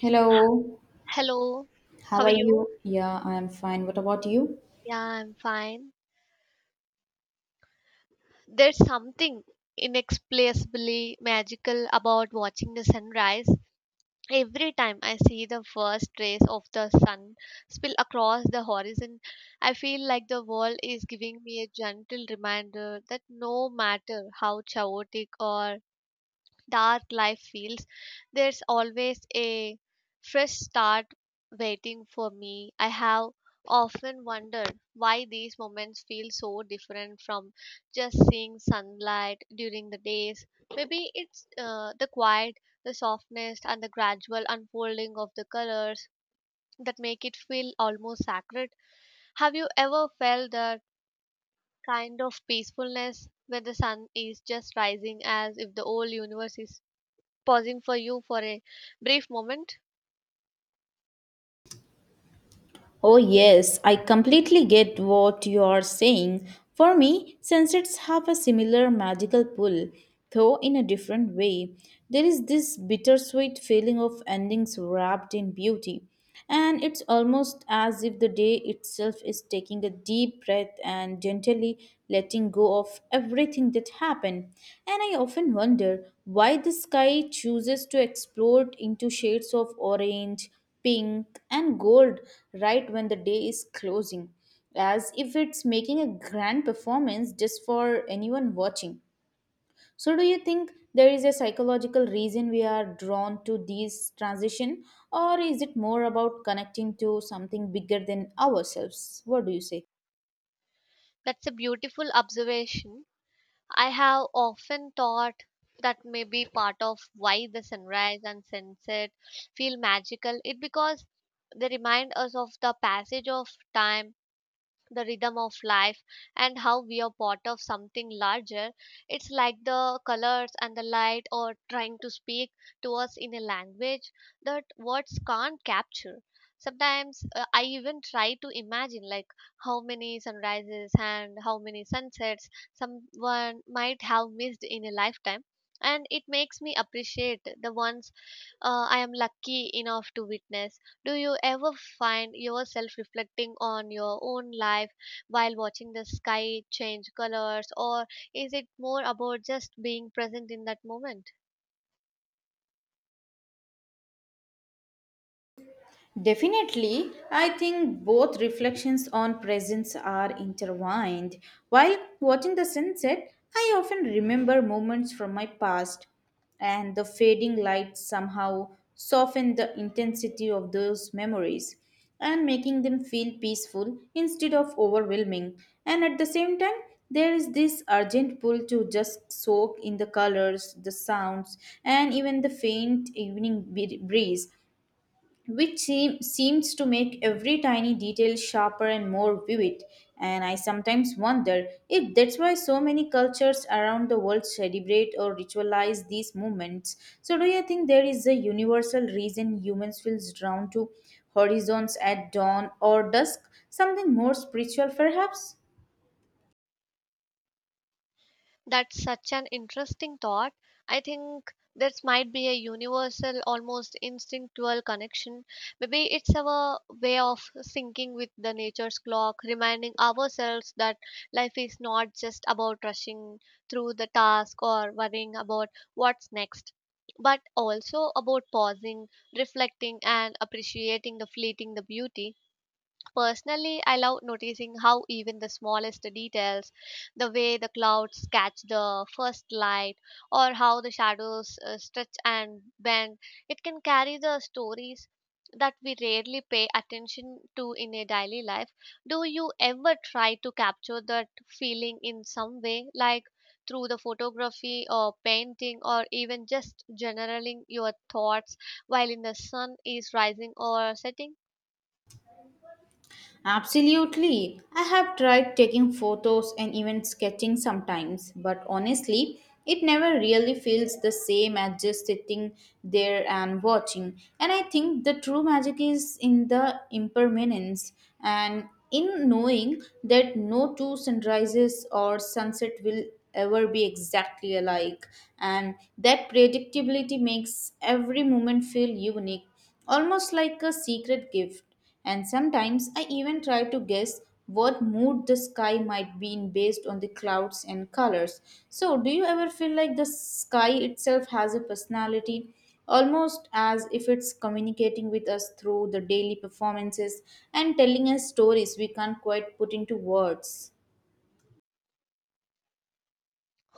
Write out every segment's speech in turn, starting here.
Hello, Hello, how how are are you? you? Yeah, I am fine. What about you? Yeah, I'm fine. There's something inexplicably magical about watching the sunrise. Every time I see the first rays of the sun spill across the horizon, I feel like the world is giving me a gentle reminder that no matter how chaotic or dark life feels, there's always a fresh start waiting for me. I have often wondered why these moments feel so different from just seeing sunlight during the days. Maybe it's the quiet, the softness, and the gradual unfolding of the colors that make it feel almost sacred. Have you ever felt that kind of peacefulness, where the sun is just rising as if the whole universe is pausing for you for a brief moment? Oh, yes, I completely get what you are saying. For me, sunsets have a similar magical pull, though in a different way. There is this bittersweet feeling of endings wrapped in beauty, and it's almost as if the day itself is taking a deep breath and gently letting go of everything that happened. And I often wonder why the sky chooses to explode into shades of orange pink and gold right when the day is closing, as if it's making a grand performance just for anyone watching. So, do you think there is a psychological reason we are drawn to these transition, or is it more about connecting to something bigger than ourselves? What do you say? That's a beautiful observation. I have often thought that may be part of why the sunrise and sunset feel magical. It because they remind us of the passage of time, the rhythm of life, and how we are part of something larger. It's like the colors and the light are trying to speak to us in a language that words can't capture. Sometimes I even try to imagine, like, how many sunrises and how many sunsets someone might have missed in a lifetime, and it makes me appreciate the ones I am lucky enough to witness. Do you ever find yourself reflecting on your own life while watching the sky change colors, or is it more about just being present in that moment? Definitely, I think both reflections on presence are intertwined. While watching the sunset, I often remember moments from my past, and the fading light somehow soften the intensity of those memories and making them feel peaceful instead of overwhelming. And at the same time, there is this urgent pull to just soak in the colors, the sounds, and even the faint evening breeze which seems to make every tiny detail sharper and more vivid. And I sometimes wonder if that's why so many cultures around the world celebrate or ritualize these moments. So, do you think there is a universal reason humans feel drawn to horizons at dawn or dusk? Something more spiritual, perhaps? That's such an interesting thought. I think this might be a universal, almost instinctual connection. Maybe it's our way of syncing with the nature's clock, reminding ourselves that life is not just about rushing through the task or worrying about what's next, but also about pausing, reflecting, and appreciating the fleeting the beauty. Personally, I love noticing how even the smallest details, the way the clouds catch the first light, or how the shadows stretch and bend, it can carry the stories that we rarely pay attention to in a daily life. Do you ever try to capture that feeling in some way, like through the photography or painting, or even just generaling your thoughts while in the sun is rising or setting? Absolutely. I have tried taking photos and even sketching sometimes, but honestly, it never really feels the same as just sitting there and watching. And I think the true magic is in the impermanence and in knowing that no two sunrises or sunset will ever be exactly alike. And that predictability makes every moment feel unique almost like a secret gift. And sometimes I even try to guess what mood the sky might be in based on the clouds and colors. So, do you ever feel like the sky itself has a personality? Almost as if it's communicating with us through the daily performances and telling us stories we can't quite put into words.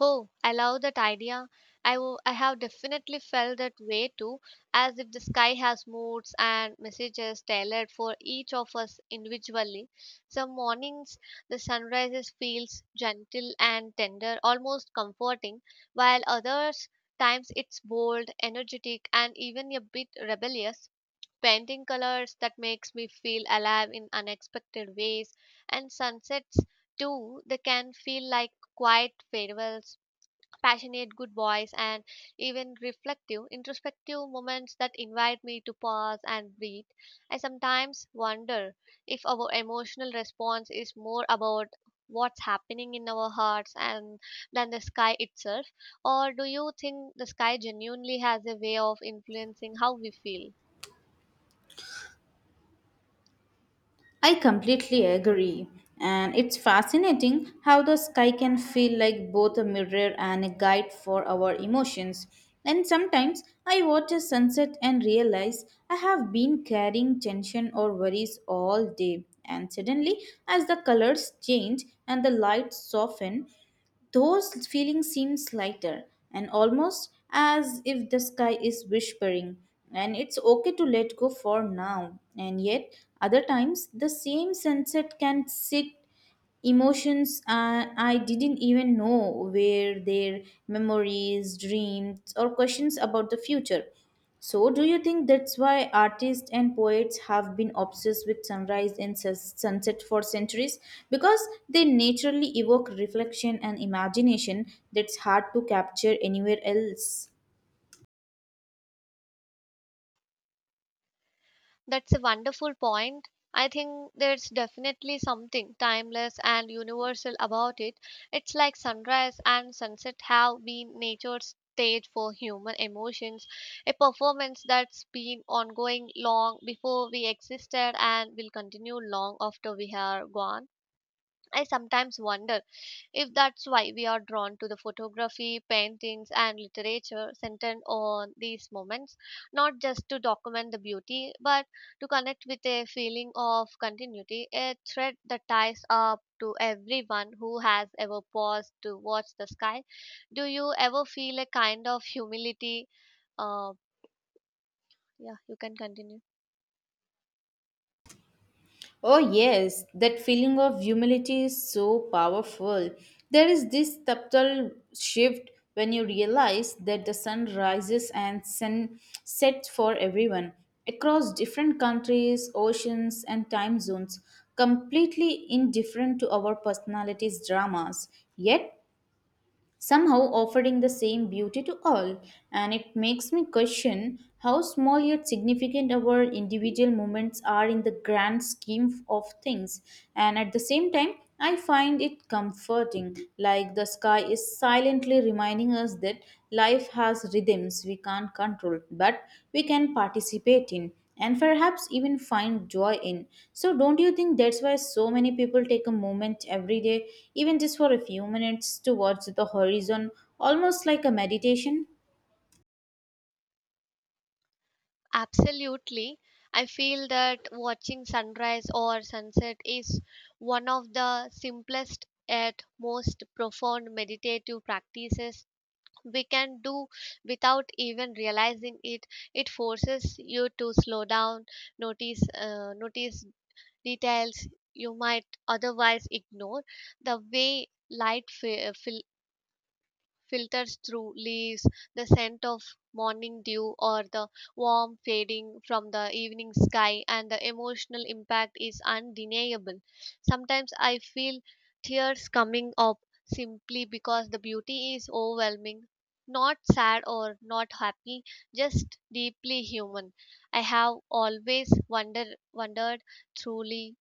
Oh, I love that idea. I have definitely felt that way too, as if the sky has moods and messages tailored for each of us individually. Some mornings, the sunrises feels gentle and tender, almost comforting, while others times it's bold, energetic, and even a bit rebellious. Painting colors that makes me feel alive in unexpected ways, and sunsets too, they can feel like quiet farewells, passionate good boys, and even reflective introspective moments that invite me to pause and breathe. I sometimes wonder if our emotional response is more about what's happening in our hearts and than the sky itself, or do you think the sky genuinely has a way of influencing how we feel? I completely agree. And it's fascinating how the sky can feel like both a mirror and a guide for our emotions. And sometimes I watch a sunset and realize I have been carrying tension or worries all day. And suddenly, as the colors change and the lights soften, those feelings seems lighter and almost as if the sky is whispering and it's okay to let go for now. And yet, other times, the same sunset can sit emotions I didn't even know were their memories, dreams, or questions about the future. So, do you think that's why artists and poets have been obsessed with sunrise and sunset for centuries? Because they naturally evoke reflection and imagination that's hard to capture anywhere else. That's a wonderful point. I think there's definitely something timeless and universal about it. It's like sunrise and sunset have been nature's stage for human emotions, a performance that's been ongoing long before we existed and will continue long after we are gone. I sometimes wonder if that's why we are drawn to the photography, paintings, and literature centered on these moments, not just to document the beauty, but to connect with a feeling of continuity, a thread that ties up to everyone who has ever paused to watch the sky. Do you ever feel a kind of humility? Uh, yeah, you can continue. Oh, yes, that feeling of humility is so powerful. There is this subtle shift when you realize that the sun rises and sun sets for everyone across different countries, oceans, and time zones, completely indifferent to our personalities' dramas. Yet, somehow offering the same beauty to all, and it makes me question how small yet significant our individual moments are in the grand scheme of things. And at the same time, I find it comforting, like the sky is silently reminding us that life has rhythms we can't control, but we can participate in and perhaps even find joy in. So, don't you think that's why so many people take a moment every day, even just for a few minutes, to watch the horizon, almost like a meditation? Absolutely. I feel that watching sunrise or sunset is one of the simplest yet most profound meditative practices we can do without even realizing it. It forces you to slow down, notice details you might otherwise ignore, the way light filters through leaves, the scent of morning dew, or the warm fading from the evening sky, and the emotional impact is undeniable. Sometimes I feel tears coming up simply because the beauty is overwhelming. Not sad or not happy, just deeply human. I have always wondered truly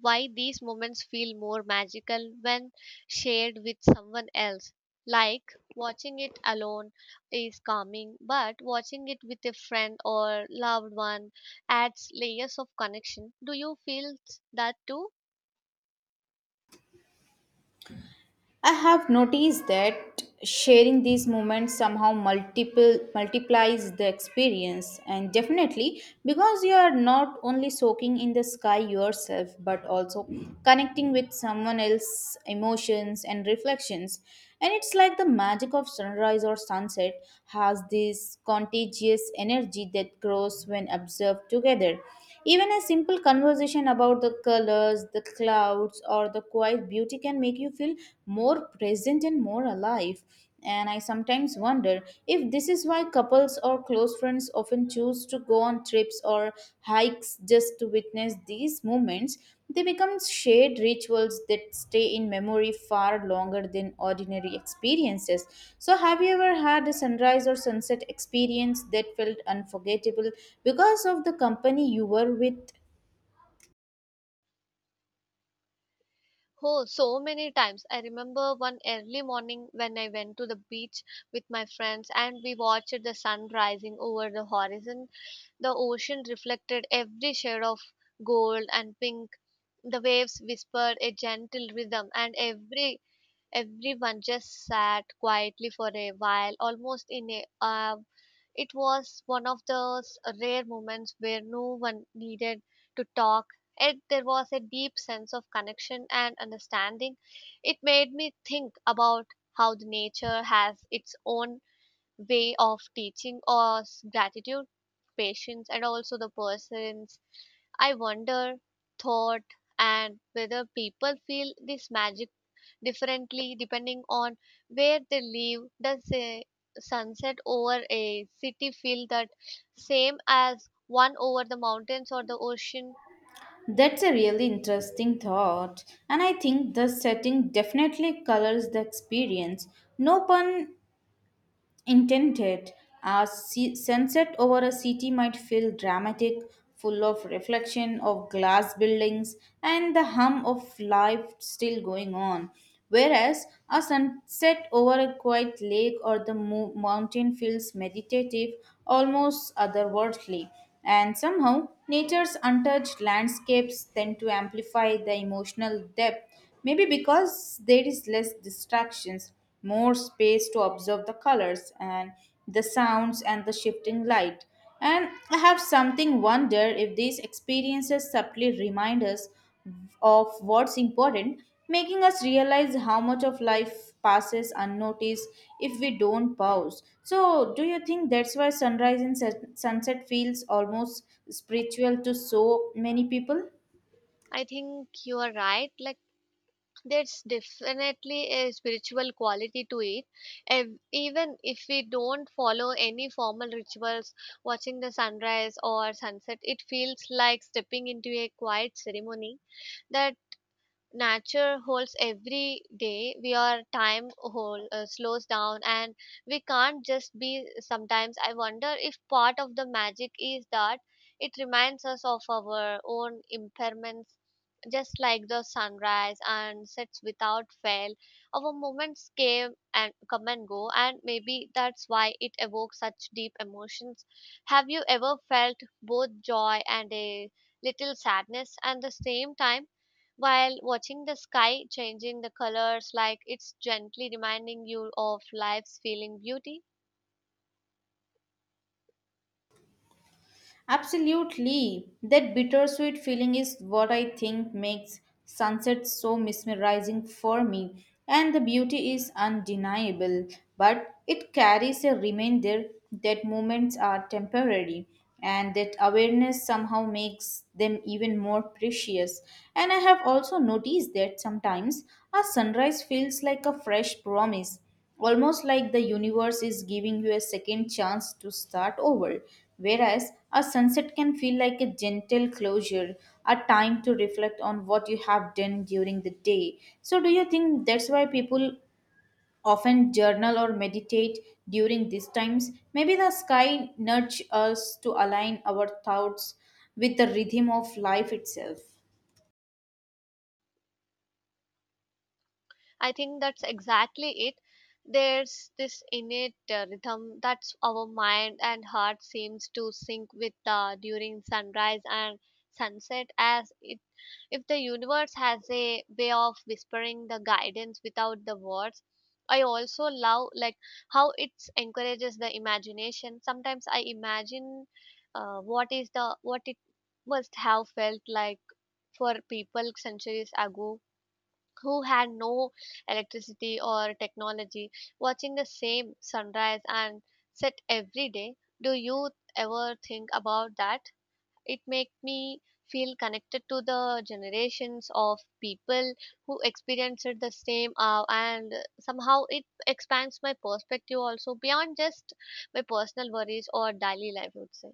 why these moments feel more magical when shared with someone else. Like watching it alone is calming, but watching it with a friend or loved one adds layers of connection. Do you feel that too? I have noticed that sharing these moments somehow multiple multiplies the experience and definitely because you are not only soaking in the sky yourself but also connecting with someone else's emotions and reflections and it's like the magic of sunrise or sunset has this contagious energy that grows when observed together even a simple conversation about the colors, the clouds, or the quiet beauty can make you feel more present and more alive. And I sometimes wonder if this is why couples or close friends often choose to go on trips or hikes just to witness these moments, they become shared rituals that stay in memory far longer than ordinary experiences. So, have you ever had a sunrise or sunset experience that felt unforgettable because of the company you were with? Oh, so many times. I remember one early morning when I went to the beach with my friends and we watched the sun rising over the horizon. The ocean reflected every shade of gold and pink. The waves whispered a gentle rhythm, and everyone just sat quietly for a while, almost in a. It was one of those rare moments where no one needed to talk, yet there was a deep sense of connection and understanding. It made me think about how the nature has its own way of teaching us gratitude, patience, and also the person's, I wonder, thought, and whether people feel this magic differently depending on where they live. Does a sunset over a city feel that same as one over the mountains or the ocean? That's a really interesting thought, and I think the setting definitely colors the experience. No pun intended. A sunset over a city might feel dramatic, full of reflection of glass buildings and the hum of life still going on. Whereas a sunset over a quiet lake or the mountain feels meditative, almost otherworldly. And somehow, nature's untouched landscapes tend to amplify the emotional depth. Maybe because there is less distractions, more space to observe the colors and the sounds and the shifting light. And I have something wonder if these experiences subtly remind us of what's important, making us realize how much of life passes unnoticed if we don't pause. So, do you think that's why sunrise and sunset feels almost spiritual to so many people? I think you are right. Like, there's definitely a spiritual quality to it. Even if we don't follow any formal rituals, watching the sunrise or sunset, it feels like stepping into a quiet ceremony that nature holds every day. We are time whole, slows down, and we can't just be. Sometimes I wonder if part of the magic is that it reminds us of our own impairments, just like the sunrise and sets without fail. Our moments came and come and go, and maybe that's why it evokes such deep emotions. Have you ever felt both joy and a little sadness at the same time, while watching the sky changing the colors, like it's gently reminding you of life's feeling beauty? Absolutely. That bittersweet feeling is what I think makes sunset so mesmerizing for me. And the beauty is undeniable, but it carries a reminder that moments are temporary and that awareness somehow makes them even more precious. And I have also noticed that sometimes a sunrise feels like a fresh promise almost like the universe is giving you a second chance to start over. Whereas a sunset can feel like a gentle closure, a time to reflect on what you have done during the day. So, do you think that's why people often journal or meditate during these times? Maybe the sky nudges us to align our thoughts with the rhythm of life itself. I think that's exactly it. There's this innate rhythm that's our mind and heart seems to sync with during sunrise and sunset, as if the universe has a way of whispering the guidance without the words. I also love, like, how it encourages the imagination. Sometimes I imagine what is the what it must have felt like for people centuries ago who had no electricity or technology, watching the same sunrise and set every day. Do you ever think about that? It make me feel connected to the generations of people who experienced the same, and somehow it expands my perspective also beyond just my personal worries or daily life, I would say.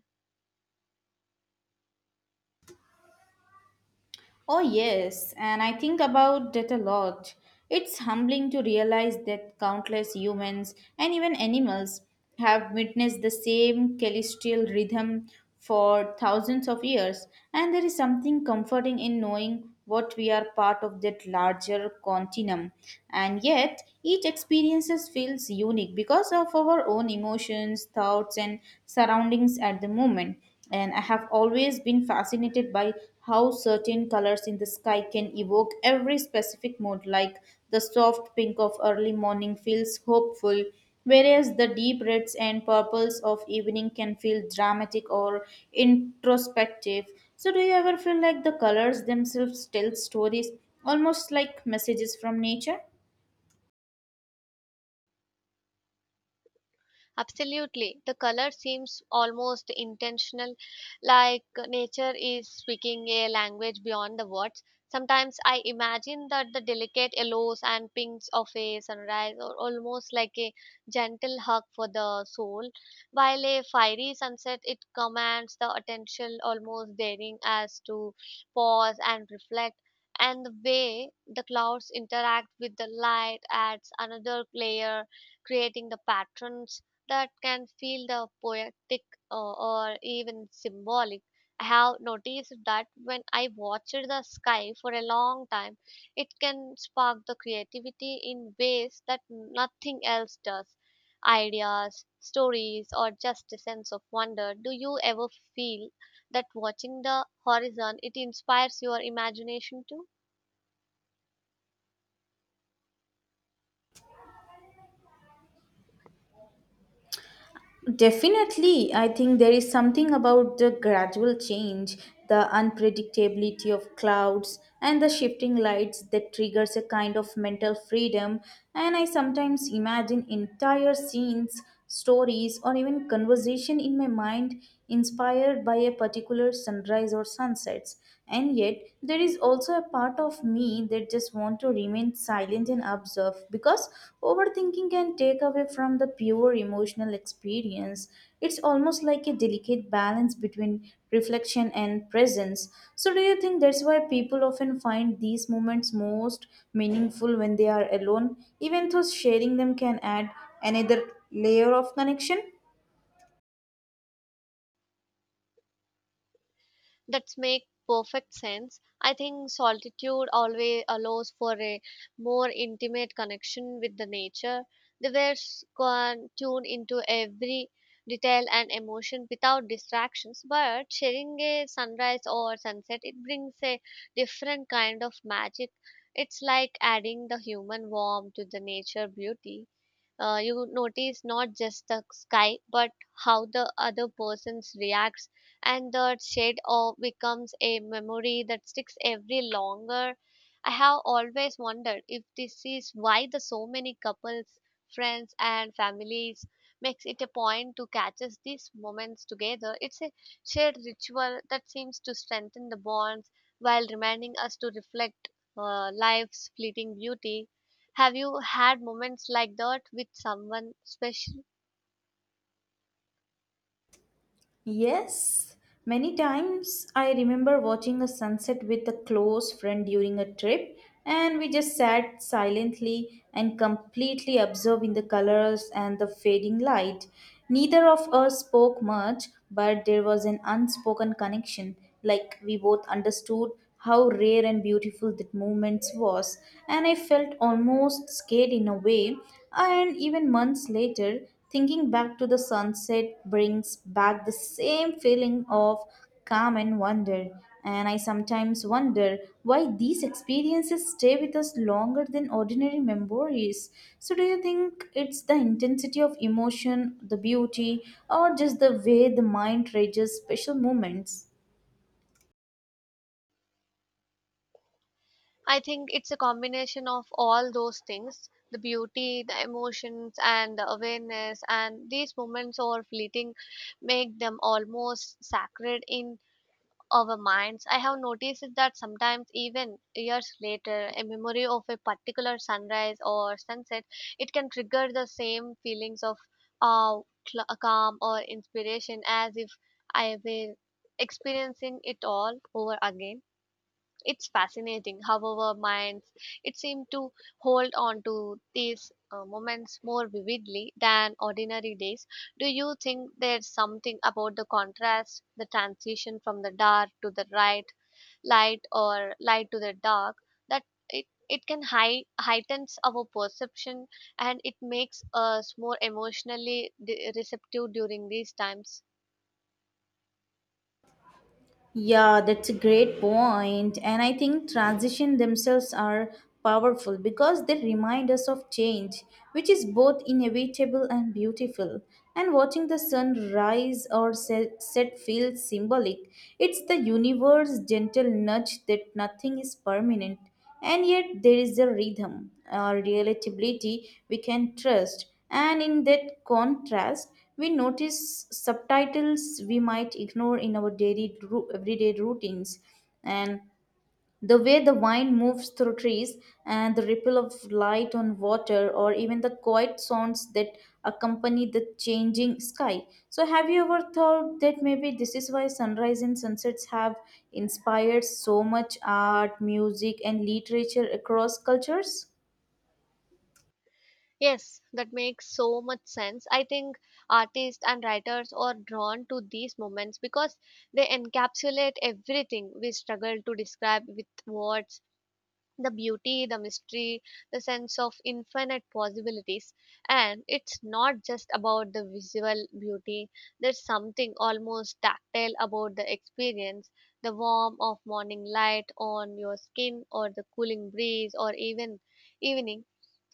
Oh, yes, and I think about that a lot. It's humbling to realize that countless humans and even animals have witnessed the same celestial rhythm for thousands of years, and there is something comforting in knowing what we are part of that larger continuum. And yet, each experiences feels unique because of our own emotions, thoughts, and surroundings at the moment. And I have always been fascinated by how certain colors in the sky can evoke every specific mood, like the soft pink of early morning feels hopeful, whereas the deep reds and purples of evening can feel dramatic or introspective. So, do you ever feel like the colors themselves tell stories, almost like messages from nature? Absolutely. The color seems almost intentional, like nature is speaking a language beyond the words. Sometimes I imagine that the delicate yellows and pinks of a sunrise are almost like a gentle hug for the soul, while a fiery sunset, it commands the attention, almost daring as to pause and reflect. And the way the clouds interact with the light adds another layer, creating the patterns that can feel the poetic, or even symbolic. I have noticed that when I watched the sky for a long time, it can spark the creativity in ways that nothing else does. Ideas, stories, or just a sense of wonder. Do you ever feel that watching the horizon, it inspires your imagination too? Definitely, I think there is something about the gradual change, the unpredictability of clouds, and the shifting lights that triggers a kind of mental freedom. And I sometimes imagine entire scenes, stories, or even conversation in my mind inspired by a particular sunrise or sunsets. And yet, there is also a part of me that just want to remain silent and observe because overthinking can take away from the pure emotional experience. It's almost like a delicate balance between reflection and presence. So, do you think that's why people often find these moments most meaningful when they are alone, even though sharing them can add another layer of connection? That's make perfect sense. I think solitude always allows for a more intimate connection with the nature. The birds can tune into every detail and emotion without distractions, but sharing a sunrise or sunset, it brings a different kind of magic. It's like adding the human warmth to the nature beauty. You notice not just the sky, but how the other person reacts, and the shade of becomes a memory that sticks every longer. I have always wondered if this is why the so many couples, friends, and families makes it a point to catch these moments together. It's a shared ritual that seems to strengthen the bonds while reminding us to reflect, life's fleeting beauty. Have you had moments like that with someone special? Yes, many times I remember watching a sunset with a close friend during a trip, and we just sat silently and completely observing the colors and the fading light. Neither of us spoke much, but there was an unspoken connection, like we both understood how rare and beautiful that moment was, and I felt almost scared in a way. And even months later, thinking back to the sunset brings back the same feeling of calm and wonder. And I sometimes wonder why these experiences stay with us longer than ordinary memories. So, do you think it's the intensity of emotion, the beauty, or just the way the mind treasures special moments? I think it's a combination of all those things: the beauty, the emotions, and the awareness. And these moments are fleeting, make them almost sacred in our minds. I have noticed it that sometimes, even years later, a memory of a particular sunrise or sunset, it can trigger the same feelings of uh, calm or inspiration, as if I were experiencing it all over again. It's fascinating, however, minds it seemed to hold on to these moments more vividly than ordinary days. Do you think there's something about the contrast, the transition from the dark to the right, light or light to the dark, that it can heightens our perception, and it makes us more emotionally receptive during these times? Yeah, that's a great point. And I think transition themselves are powerful because they remind us of change, which is both inevitable and beautiful. And watching the sun rise or set feels symbolic. It's the universe's gentle nudge that nothing is permanent. And yet, there is a rhythm, a relatability we can trust, and in that contrast, we notice subtitles we might ignore in our daily everyday routines. And the way the wind moves through trees and the ripple of light on water, or even the quiet sounds that accompany the changing sky. So, have you ever thought that maybe this is why sunrise and sunsets have inspired so much art, music, and literature across cultures? Yes, that makes so much sense. I think artists and writers are drawn to these moments because they encapsulate everything we struggle to describe with words: the beauty, the mystery, the sense of infinite possibilities. And it's not just about the visual beauty, there's something almost tactile about the experience the warmth of morning light on your skin, or the cooling breeze, or even evening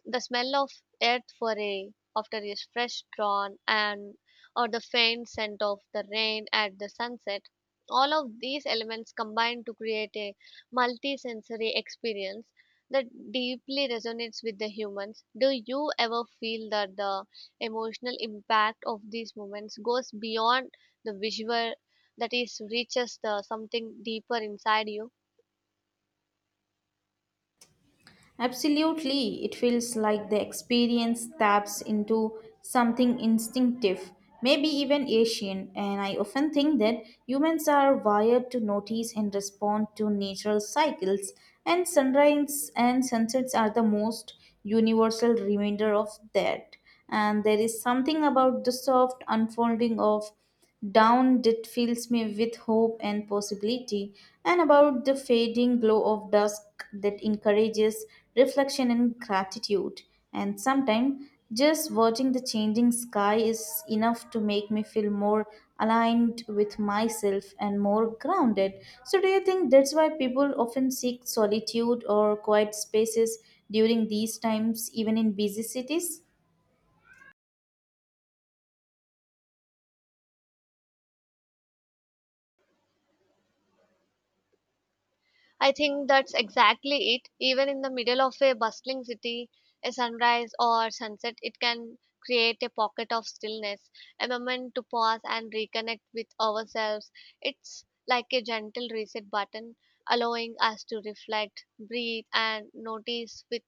the smell of earth foray after a fresh drawn, and or the faint scent of the rain at the sunset. All of these elements combine to create a multi-sensory experience that deeply resonates with the humans. Do you ever feel that the emotional impact of these moments goes beyond the visual that is reaches the something deeper inside you? Absolutely, it feels like the experience taps into something instinctive, maybe even Asian, and I often think that humans are wired to notice and respond to natural cycles, and sunrise and sunsets are the most universal reminder of that and there is something about the soft unfolding of down that fills me with hope and possibility, and about the fading glow of dusk that encourages reflection and gratitude. And sometimes just watching the changing sky is enough to make me feel more aligned with myself and more grounded. So, do you think that's why people often seek solitude or quiet spaces during these times, even in busy cities? I think that's exactly it. Even in the middle of a bustling city, a sunrise or sunset, it can create a pocket of stillness, a moment to pause and reconnect with ourselves. It's like a gentle reset button, allowing us to reflect, breathe, and notice with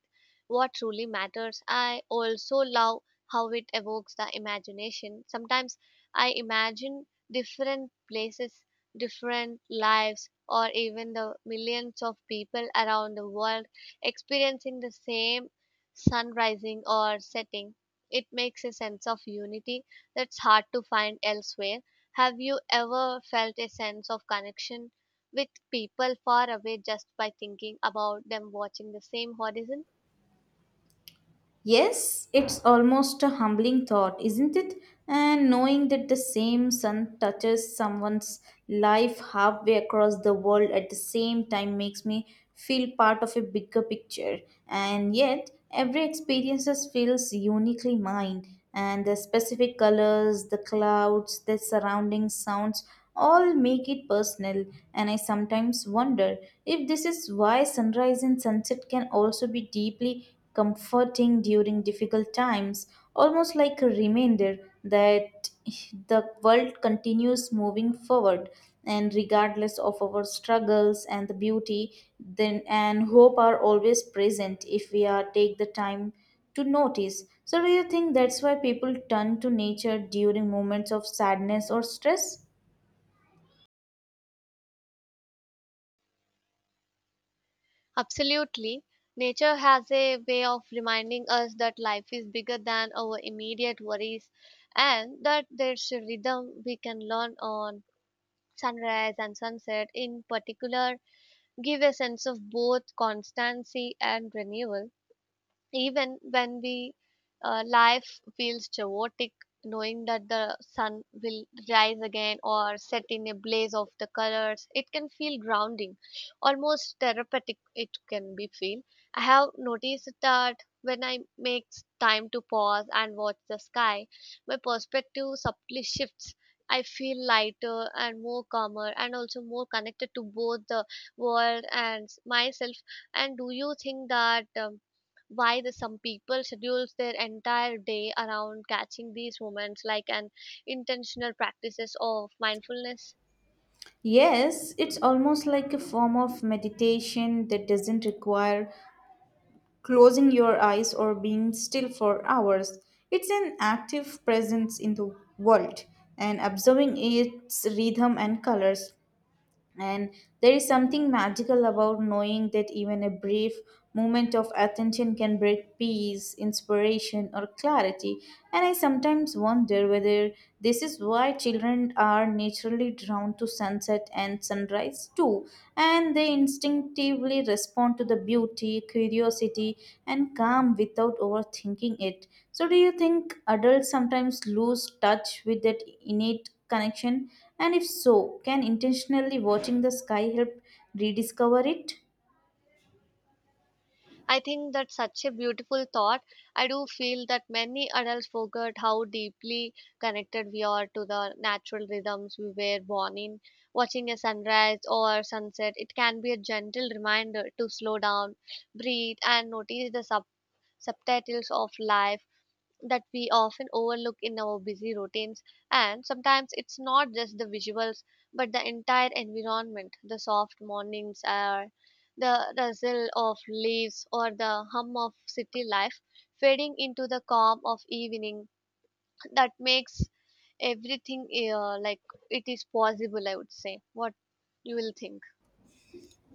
what truly matters. I also love how it evokes the imagination. Sometimes I imagine different places different lives, or even the millions of people around the world experiencing the same sun rising or setting. It makes a sense of unity that's hard to find elsewhere. Have you ever felt a sense of connection with people far away just by thinking about them watching the same horizon? Yes, it's almost a humbling thought, isn't it? And knowing that the same sun touches someone's life halfway across the world at the same time makes me feel part of a bigger picture. And yet, every experience feels uniquely mine. And the specific colors, the clouds, the surrounding sounds all make it personal. And I sometimes wonder if this is why sunrise and sunset can also be deeply comforting during difficult times, almost like a reminder that the world continues moving forward and regardless of our struggles and the beauty then and hope are always present if we are take the time to notice. So do you think that's why people turn to nature during moments of sadness or stress? Absolutely. Nature has a way of reminding us that life is bigger than our immediate worries and that there's a rhythm we can learn on. Sunrise and sunset, in particular, give a sense of both constancy and renewal. Even when we life feels chaotic, knowing that the sun will rise again or set in a blaze of the colors, it can feel grounding, almost therapeutic. It can be feel. I have noticed that when I make time to pause and watch the sky, my perspective subtly shifts. I feel lighter and more calmer, and also more connected to both the world and myself. And do you think that why the some people schedules their entire day around catching these moments like an intentional practices of mindfulness? Yes, it's almost like a form of meditation that doesn't require closing your eyes or being still for hours. It's an active presence in the world and observing its rhythm and colors. And there is something magical about knowing that even a brief moment of attention can bring peace, inspiration, or clarity. And I sometimes wonder whether this is why children are naturally drawn to sunset and sunrise too, and they instinctively respond to the beauty, curiosity, and calm without overthinking it. So, do you think adults sometimes lose touch with that innate connection? And if so, can intentionally watching the sky help rediscover it? I think that's such a beautiful thought. I do feel that many adults forget how deeply connected we are to the natural rhythms we were born in. Watching a sunrise or sunset, it can be a gentle reminder to slow down, breathe, and notice the subtitles of life that we often overlook in our busy routines. And sometimes it's not just the visuals, but the entire environment the soft mornings, or the rustle of leaves, or the hum of city life fading into the calm of evening that makes everything like it is possible, I would say. What you will think?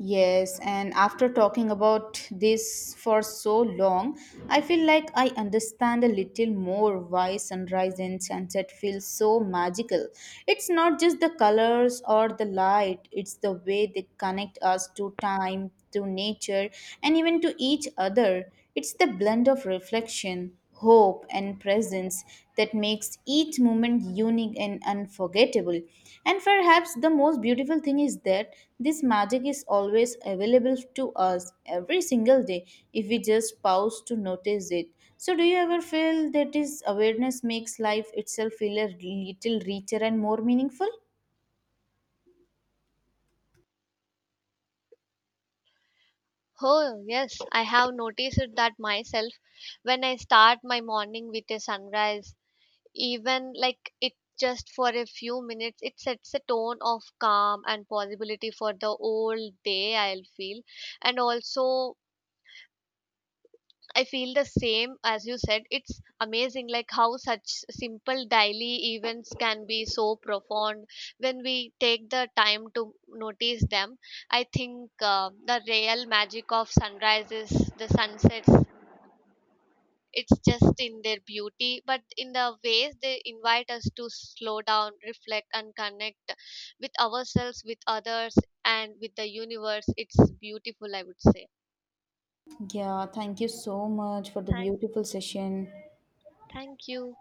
Yes, and after talking about this for so long, I feel like I understand a little more why sunrise and sunset feel so magical. It's not just the colors or the light, it's the way they connect us to time, to nature, and even to each other. It's the blend of reflection, hope, and presence that makes each moment unique and unforgettable. And perhaps the most beautiful thing is that this magic is always available to us every single day if we just pause to notice it. So, do you ever feel that this awareness makes life itself feel a little richer and more meaningful? Oh, yes, I have noticed it that myself. When I start my morning with a sunrise, even like it just for a few minutes, it sets a tone of calm and possibility for the whole day, I'll feel. And also, I feel the same as you said. It's amazing like how such simple daily events can be so profound when we take the time to notice them. I think the real magic of sunrises the sunsets, it's just in their beauty but in the ways they invite us to slow down, reflect, and connect with ourselves, with others, and with the universe. It's beautiful, I would say. Yeah, thank you so much for the thank beautiful session. Thank you.